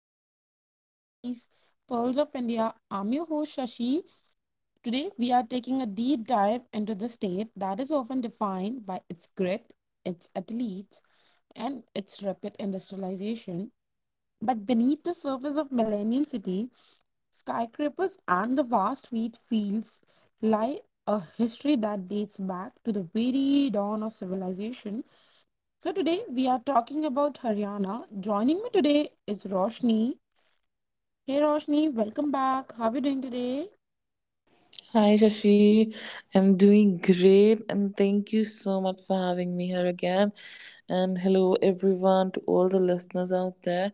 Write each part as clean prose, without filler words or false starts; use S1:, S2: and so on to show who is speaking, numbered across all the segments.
S1: welcome back to our series Pearls of India. I'm your host Shashi. Today we are taking a deep dive into the state that is often defined by its grit, its athletes, and its rapid industrialization. But beneath the surface of Millennium City, skyscrapers and the vast wheat fields lie a history that dates back to the very dawn of civilization. So today we are talking about Haryana. Joining me today is Roshni. Hey Roshni, welcome back. How are you doing today?
S2: Hi Shashi, I'm doing great and thank you so much for having me here again. And hello everyone to all the listeners out there.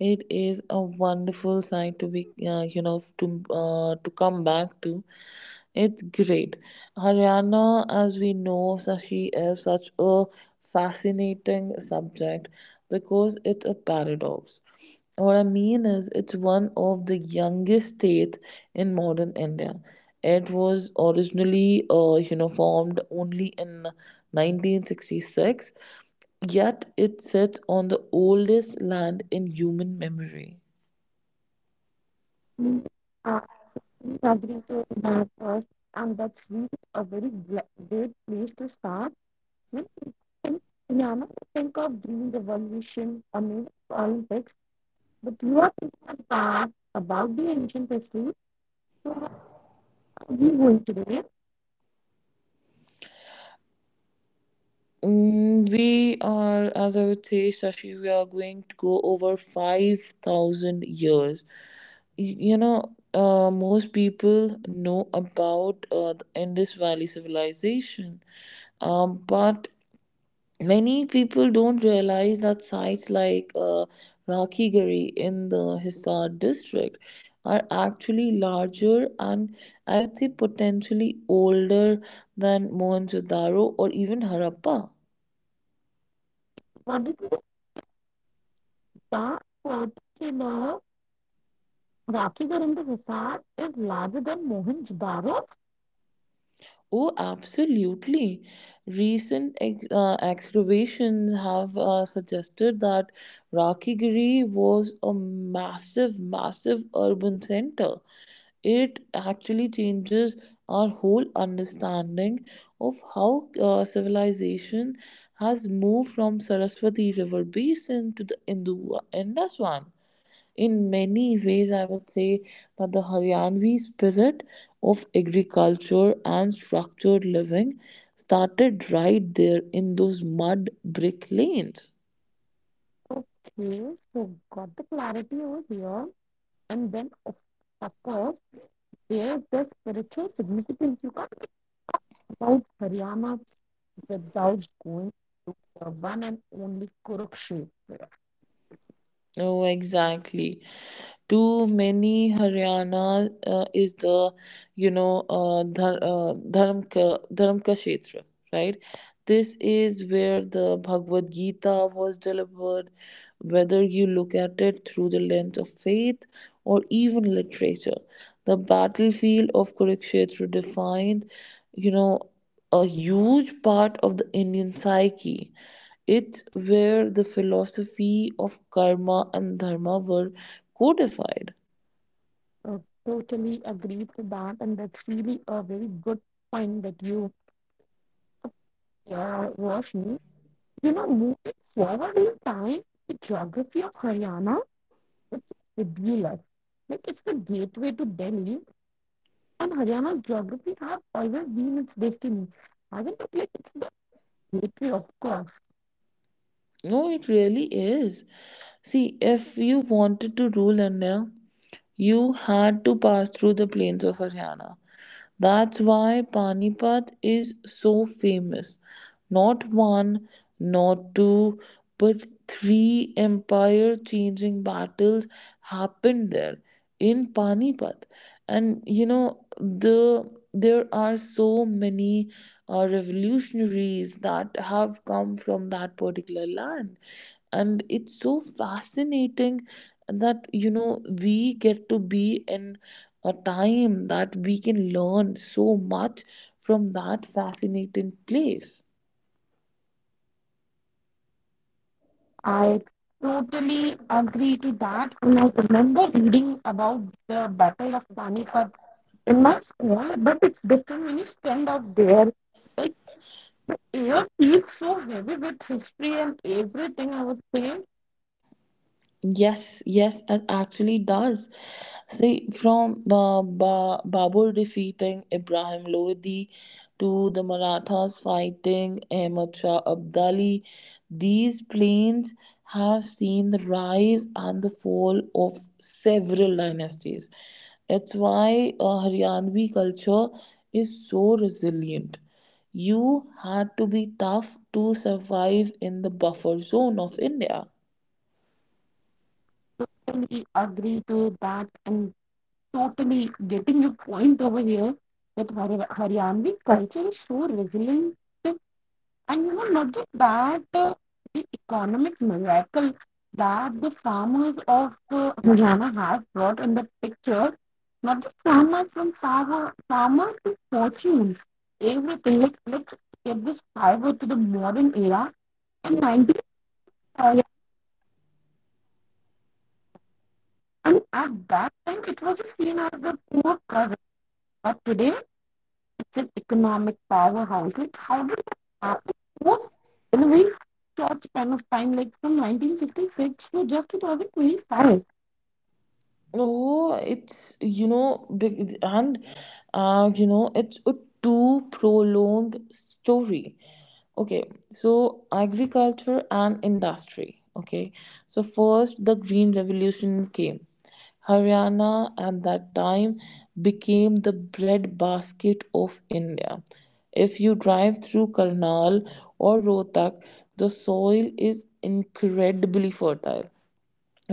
S2: It is a wonderful sight to be, to come back to. It's great. Haryana, as we know, Sashi, is such a fascinating subject because it's a paradox. What I mean is, it's one of the youngest states in modern India. It was originally, formed only in 1966, yet it sits on the oldest land in human memory.
S1: Mm, uh, Agree to that first, and that's really a very great place to start. When you think, Rihanna, you think of green revolution or maybe Olympics, but you are thinking of that about the ancient history we going today.
S2: We are, as I would say, Sashi, we are going to go over 5,000 years. You know, most people know about the Indus Valley civilization, but many people don't realize that sites like Rakigiri in the Hisar district are actually larger and I would say potentially older than Mohenjo-daro or even Harappa.
S1: What did you start? Particular Rakhigaranda Hisar is larger than Mohenjo-daro.
S2: Oh, absolutely. Recent excavations have suggested that Rakigiri was a massive, massive urban center. It actually changes our whole understanding of how civilization has moved from Saraswati River basin to the Indus one. In many ways, I would say that the Haryanvi spirit of agriculture and structured living started right there in those mud brick lanes.
S1: Okay, so got the clarity over here. And then, of course, there's the spiritual significance. You can't talk about Haryana without going to the one and only Kurukshetra.
S2: Oh, exactly. Too many Haryana is the, dharm ka kshetra, right? This is where the Bhagavad Gita was delivered. Whether you look at it through the lens of faith or even literature, the battlefield of Kurukshetra defined, you know, a huge part of the Indian psyche. It's where the philosophy of karma and dharma were codified.
S1: Uh, Totally agree to that, and that's really a very good point that you Roshni. You know, moving forward in time, the geography of Haryana, it's fabulous. Like it's the gateway to Delhi, and Haryana's geography has always been its destiny. Haven't it? Like it's the gateway, of course.
S2: No, it really is. See, if you wanted to rule India, you had to pass through the plains of Haryana. That's why Panipat is so famous. Not one, not two, but three empire changing battles happened there in Panipat. And you know, there are so many revolutionaries that have come from that particular land, and it's so fascinating that you know we get to be in a time that we can learn so much from that fascinating place.
S1: I totally agree to that. And I remember reading about the Battle of Panipat in my school, but it's different when you stand out there. Like air feels so heavy with history and everything, I would say.
S2: Yes, yes, it actually does. See, from Babur defeating Ibrahim Lodi to the Marathas fighting Ahmad Shah Abdali, these plains have seen the rise and the fall of several dynasties. It's why Haryanvi culture is so resilient. You had to be tough to survive in the buffer zone of India.
S1: Totally agree to that and totally getting your point over here that Haryanvi culture is so resilient, and you know, not just that, the economic miracle that the farmers of Haryana have brought in the picture. Not just farmers, from farmer to fortune, everything. Like, let's get this fiber to the modern era and 90, and at that time it was seen as the poor cousin, but today it's an economic powerhouse. Like, how did that happen? It was in a very short span of time, like from 1966 to just 2025.
S2: Oh, it's you know big and it's a too prolonged story. Okay, so agriculture and industry. Okay, so first the Green Revolution came. Haryana at that time became the breadbasket of India. If you drive through Karnal or Rohtak, the soil is incredibly fertile,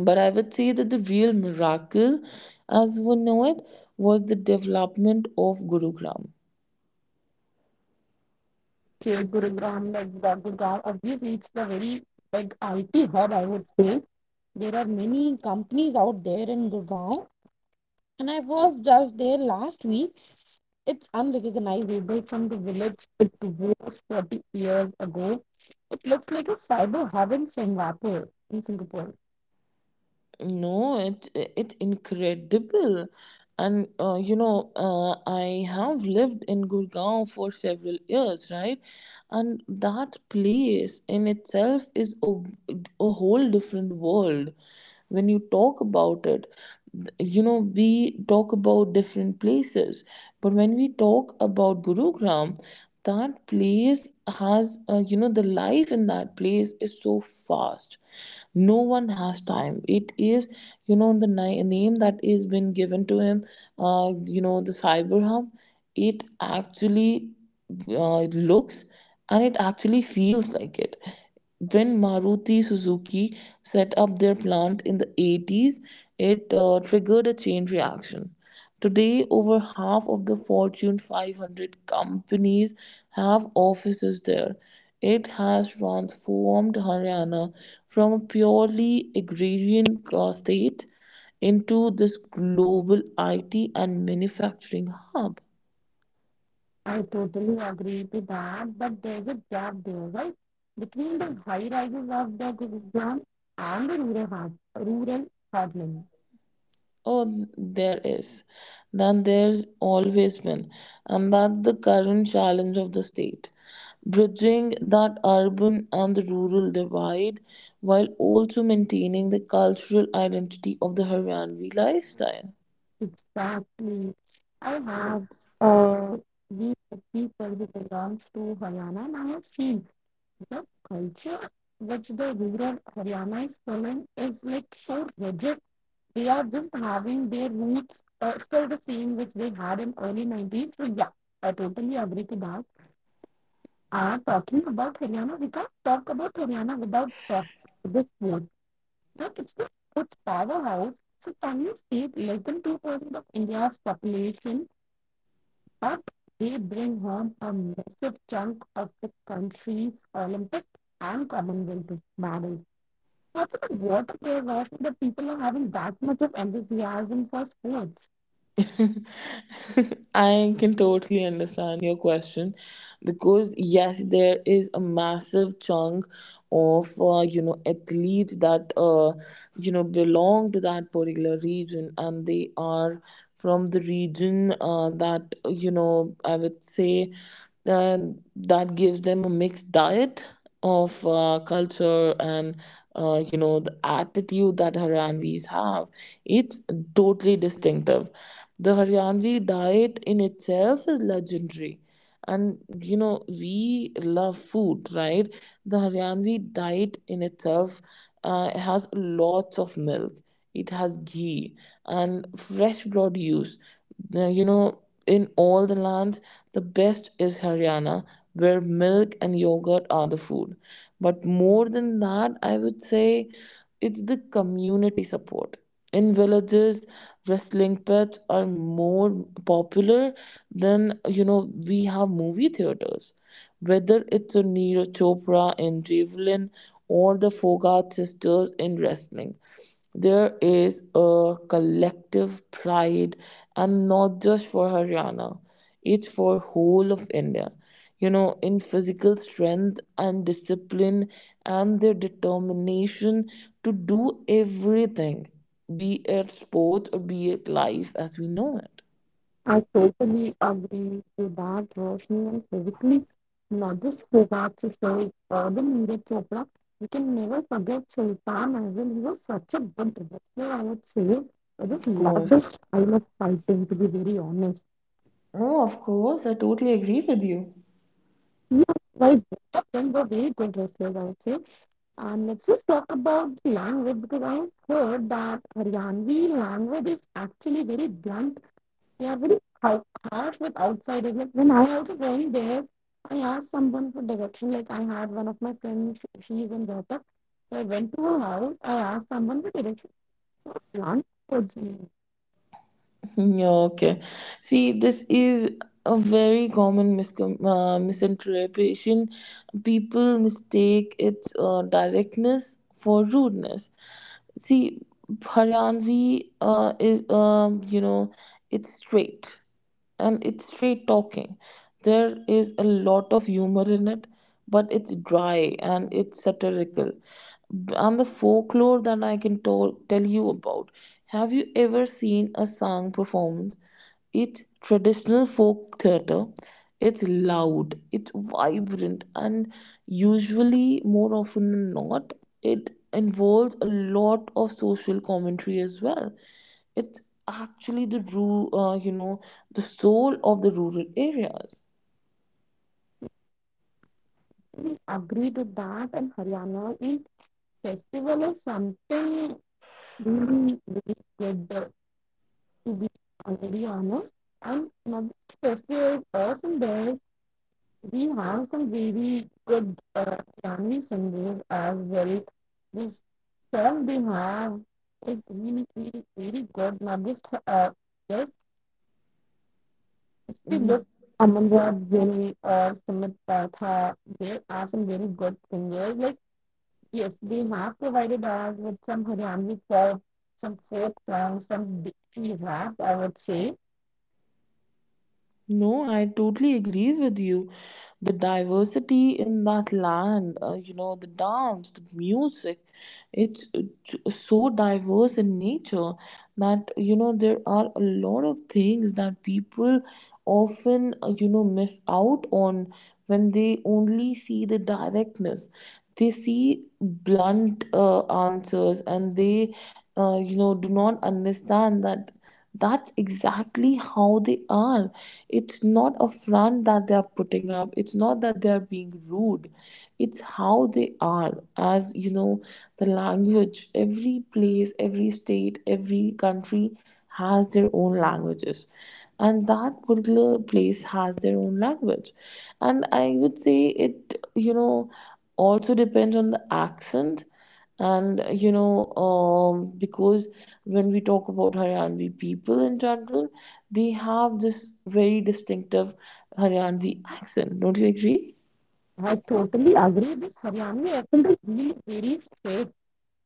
S2: but I would say that the real miracle, as we know it, was the development of Gurugram.
S1: Okay, Gurugram, like the Gurugram, obviously it's the very big IT hub, I would say. There are many companies out there in Gurugram, and I was just there last week. It's unrecognizable from the village it was 40 years ago. It looks like a cyber hub in Singapore.
S2: No, it incredible, and I have lived in Gurgaon for several years, right? And that place in itself is a whole different world when you talk about it. You know, we talk about different places, but when we talk about Gurugram, that place has, you know, the life in that place is so fast, no one has time. It is, you know, the name that is been given to him, you know, the cyber hub. It actually uh, looks and it actually feels like it when Maruti Suzuki set up their plant in the 80s. It triggered a chain reaction. Today, over half of the Fortune 500 companies have offices there. It has transformed Haryana from a purely agrarian state into this global IT and manufacturing hub.
S1: I totally agree to that, but there's a gap there, right? Between the high rises of the Gurugram and the rural heartland.
S2: Oh, there is. Then there's always been. And that's the current challenge of the state. Bridging that urban and the rural divide while also maintaining the cultural identity of the Haryanvi lifestyle.
S1: Exactly. I have uh, these people who belongs to Haryana, and I have seen the culture which the rural Haryana is following is like so rigid. They are just having their roots still the same which they had in early 90s. So yeah, I totally agree to that are talking about Haryana. We can't talk about Haryana without talking about the sports. Look, it's the sports powerhouse. So can you state less than 2% of India's population, but they bring home a massive chunk of the country's Olympic and Commonwealth medals. What's the water there, Roshni, that people are having that much of enthusiasm for sports?
S2: I can totally understand your question, because yes, there is a massive chunk of, you know, athletes that, you know, belong to that particular region, and they are from the region that you know, I would say, uh, that gives them a mixed diet of, culture and, you know, the attitude that Haryanvis have. It's totally distinctive. The Haryanvi diet in itself is legendary. And you know, we love food, right? The Haryanvi diet in itself has lots of milk, it has ghee and fresh produce. You know, in all the lands, the best is Haryana where milk and yogurt are the food. But more than that, I would say it's the community support. In villages, wrestling pits are more popular than you know we have movie theaters. Whether it's a Neera Chopra in javelin or the Fogart sisters in wrestling, there is a collective pride, and not just for Haryana, it's for whole of India. You know, in physical strength and discipline, and their determination to do everything, be it sport or be it life as we know it.
S1: I totally agree to that, Roshni, and physically, not just Fogart story, the Neeraj Chopra. We can never forget Sultan as well. He was such a good wrestler, I would say. I just
S2: Of
S1: love the
S2: course.
S1: style of fighting, to be very honest.
S2: No, of course. I totally agree with you.
S1: Yeah, like both of them were very good wrestlers, I would say. And let's just talk about the language, because I have heard that Haryanvi language is actually very blunt. They are very harsh with outsiders. Like when I also went there, I asked someone for direction. Like I had one of my friends, she's in Rohtak. So I went to her house. I asked someone for direction for plant foods.
S2: Yeah, okay. See, this is a very common misinterpretation. People mistake its directness for rudeness. See, Haryanvi is, you know, it's straight, and it's straight talking. There is a lot of humor in it, but it's dry and it's satirical. And the folklore that I can tell you about. Have you ever seen a song performance? It's traditional folk theatre. It's loud, it's vibrant, and usually, more often than not, it involves a lot of social commentary as well. It's actually the you know, the soul of the rural areas.
S1: We agreed to that, and Haryana is festival is something really, really good. To be very honest, and not just festival, awesome there. We have some very good Haryani singers as well. This. Don't be wrong. It's really, really, really good. Now, this uh, just if you
S2: Mm.
S1: look, Amanrad Gill or Sumit Patha, there are some very good singers. Like, yes, they have provided us with some Haryanvi folk, some folk songs, some Dikshi rap, I would say.
S2: No, I totally agree with you. The diversity in that land, you know, the dance, the music, it's so diverse in nature that, you know, there are a lot of things that people often, you know, miss out on when they only see the directness. They see blunt answers and they, you know, do not understand that that's exactly how they are. It's not a front that they are putting up, it's not that they are being rude, it's how they are. As you know, the language, every place, every state, every country has their own languages, and that particular place has their own language. And I would say, it, you know, also depends on the accent, and, you know, because when we talk about Haryanvi people in general, they have this very distinctive Haryanvi accent. Don't you agree?
S1: I totally agree. This Haryanvi accent is really very straight.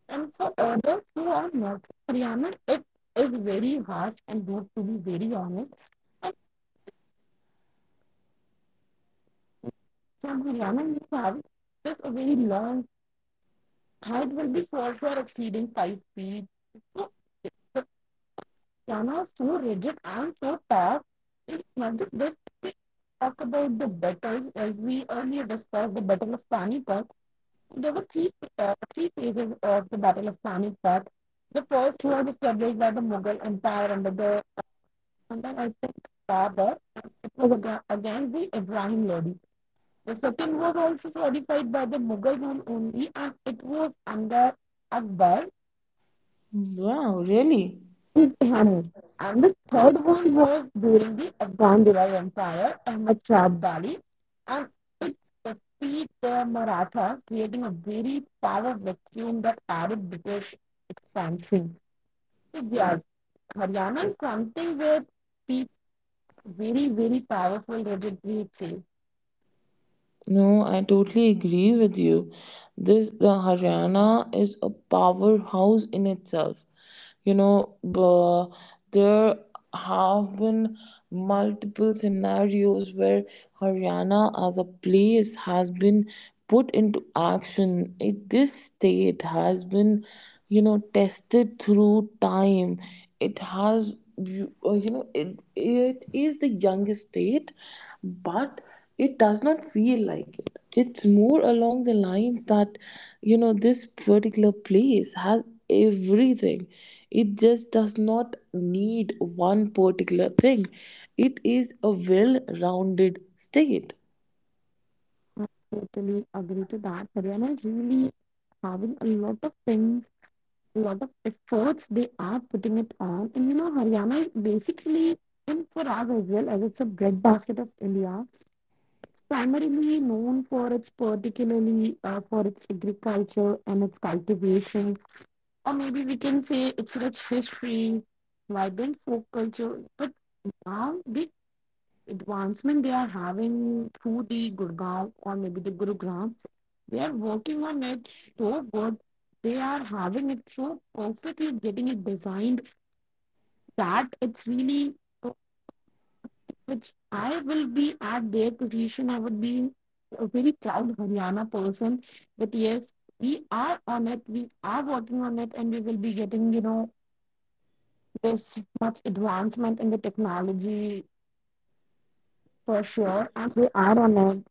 S1: And for others who are not from Haryana, it is very harsh and rude, to be very honest. So Mariana, you have just a very long height will be for sure exceeding 5 feet. So the piano is so rigid and so tough. It's not just this, we talk about the battles as we earlier discussed the Battle of Panipat. There were three phases of the Battle of Panipat. The first was established by the Mughal Empire under the, and then I think, Babur. It was against the Ibrahim Lodi. The second was also fortified by the Mughal rule only, and it was under Akbar
S2: Wow, really?
S1: and Tehani. And the third one was during the Afghan Mughal Empire, Ahmad Shah Bali, and it defeated the Marathas, creating a very powerful vacuum that added British expansion. So yeah, Haryana is something where people very, very powerful legendary say.
S2: No, I totally agree with you. This the Haryana is a powerhouse in itself. You know, there have been multiple scenarios where Haryana as a place has been put into action. This state has been, you know, tested through time. It has, you know, it is the youngest state, but it does not feel like it. It's more along the lines that you know this particular place has everything. It just does not need one particular thing. It is a well rounded state.
S1: I totally agree to that. Haryana is really having a lot of things, a lot of efforts they are putting it on. And you know, Haryana is basically in for us as well, as it's a breadbasket of India. It's primarily known for its particularly for its agriculture and its cultivation, or maybe we can say its rich history, vibrant folk culture. But now the advancement they are having through the Gurgaon or maybe the Gurugram, they are working on it so good, they are having it so perfectly getting it designed, that it's really uh, which I will be at their position. I would be a very proud Haryana person. But yes, we are on it. We are working on it, and we will be getting, you know, this much advancement in the technology for sure. And we are on it.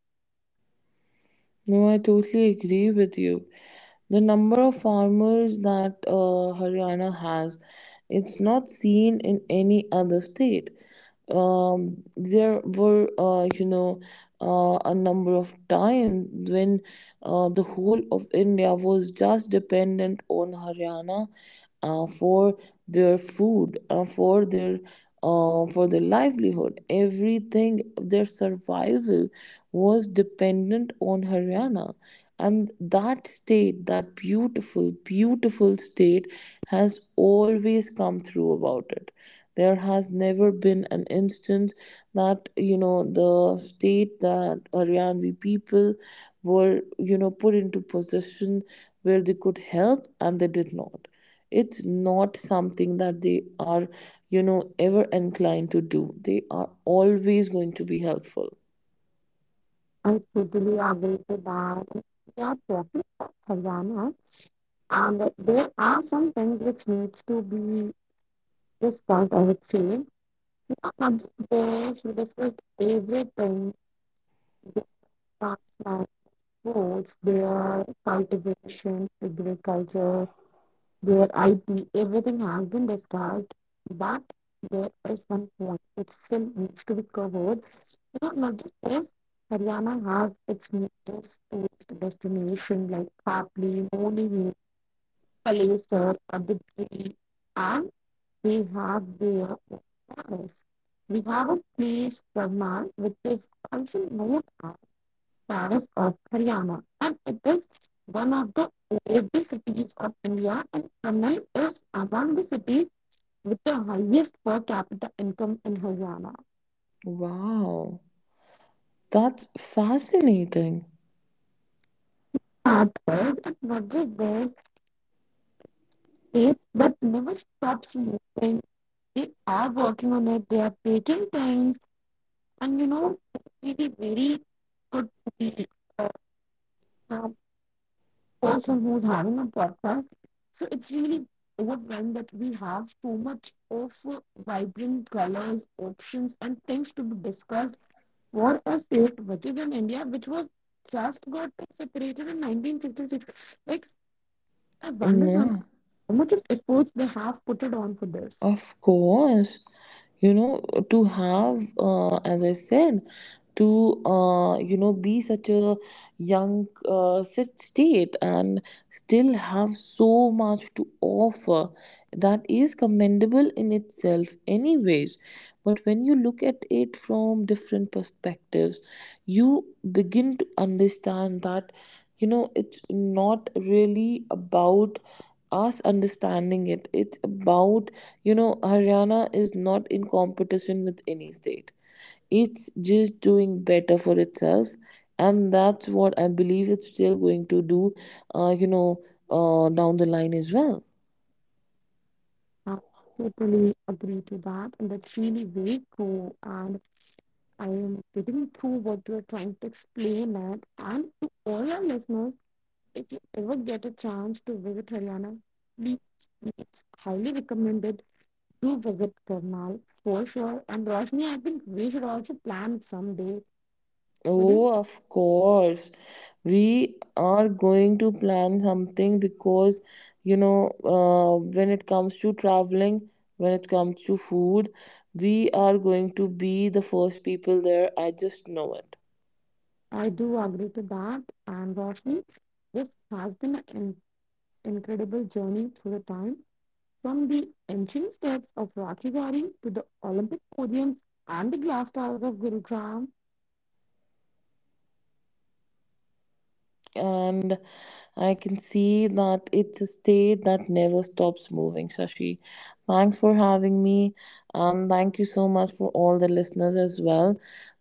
S2: No, I totally agree with you. The number of farmers that Haryana has, it's not seen in any other state. There were, a number of times when the whole of India was just dependent on Haryana for their food, for their livelihood. Everything, their survival was dependent on Haryana. And that state, that beautiful, beautiful state, has always come through about it. There has never been an instance that, you know, the state that Haryanvi people were, you know, put into position where they could help and they did not. It's not something that they are, you know, ever inclined to do. They are always going to be helpful.
S1: I totally agree to that. We are talking about Haryana, and there are some things which needs to be discussed. I would say not just this. We discussed everything, parks are sports, their cultivation, agriculture, their IT, everything has been discussed. But there is one point which still needs to be covered. You know, not just this, Haryana has its neatest tourist destination like Papli, Moni Hill, Palesar, Abidri, and they have their own palace. We have a place, Brahman, which is also known province of Haryana, and it is one of the oldest cities of India. And Chennai is among the cities with the highest per capita income in Haryana.
S2: Wow, that's fascinating.
S1: At first, it's not just their state, but never stops moving. They are working on it. They are taking things, and you know, it's really very good to be. uh, Person who's having a podcast. So it's really overwhelmed that we have so much of vibrant colors, options, and things to be discussed for a state which is in India, which was just got separated in 1966. Like, I wonder some-
S2: Yeah.
S1: how much of efforts they have put it on for this.
S2: Of course, you know, to have, as I said, to, you know, be such a young state and still have so much to offer, that is commendable in itself, anyways. But when you look at it from different perspectives, you begin to understand that, you know, it's not really about us understanding it, it's about, you know, Haryana is not in competition with any state. It's just doing better for itself, and that's what I believe it's still going to do, uh, you know, down the line as well.
S1: I totally agree to that, and that's really very cool. And I am getting through what you are trying to explain, it and to all our listeners. If you ever get a chance to visit Haryana, please, it's highly recommended. Do visit Karnal for sure. And Roshni, I think we should also plan someday. But if
S2: Oh, of course. We are going to plan something because, you know, when it comes to traveling, when it comes to food, we are going to be the first people there. I just know it.
S1: I do agree to that, and Roshni, this has been an incredible journey through the time from the ancient steps of Rakhi Gari to the Olympic podiums and the glass towers of Gurugram.
S2: And I can see that it's a state that never stops moving. Shashi, thanks for having me, and thank you so much for all the listeners as well.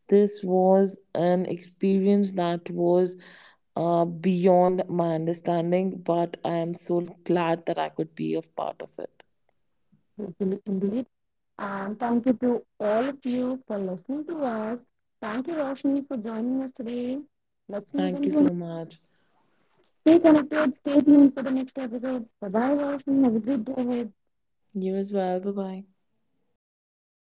S2: This was an experience that was beyond my understanding, but I am so glad that I could be of part of it.
S1: Hopefully, in the. And thank you to all of you for listening to us. Thank you, Roshni, for joining us today. Let's meet
S2: Thank you
S1: again.
S2: so much.
S1: Stay connected. Stay tuned for the next episode. Bye bye, Roshni. Have a good day ahead.
S2: You as well. Bye bye.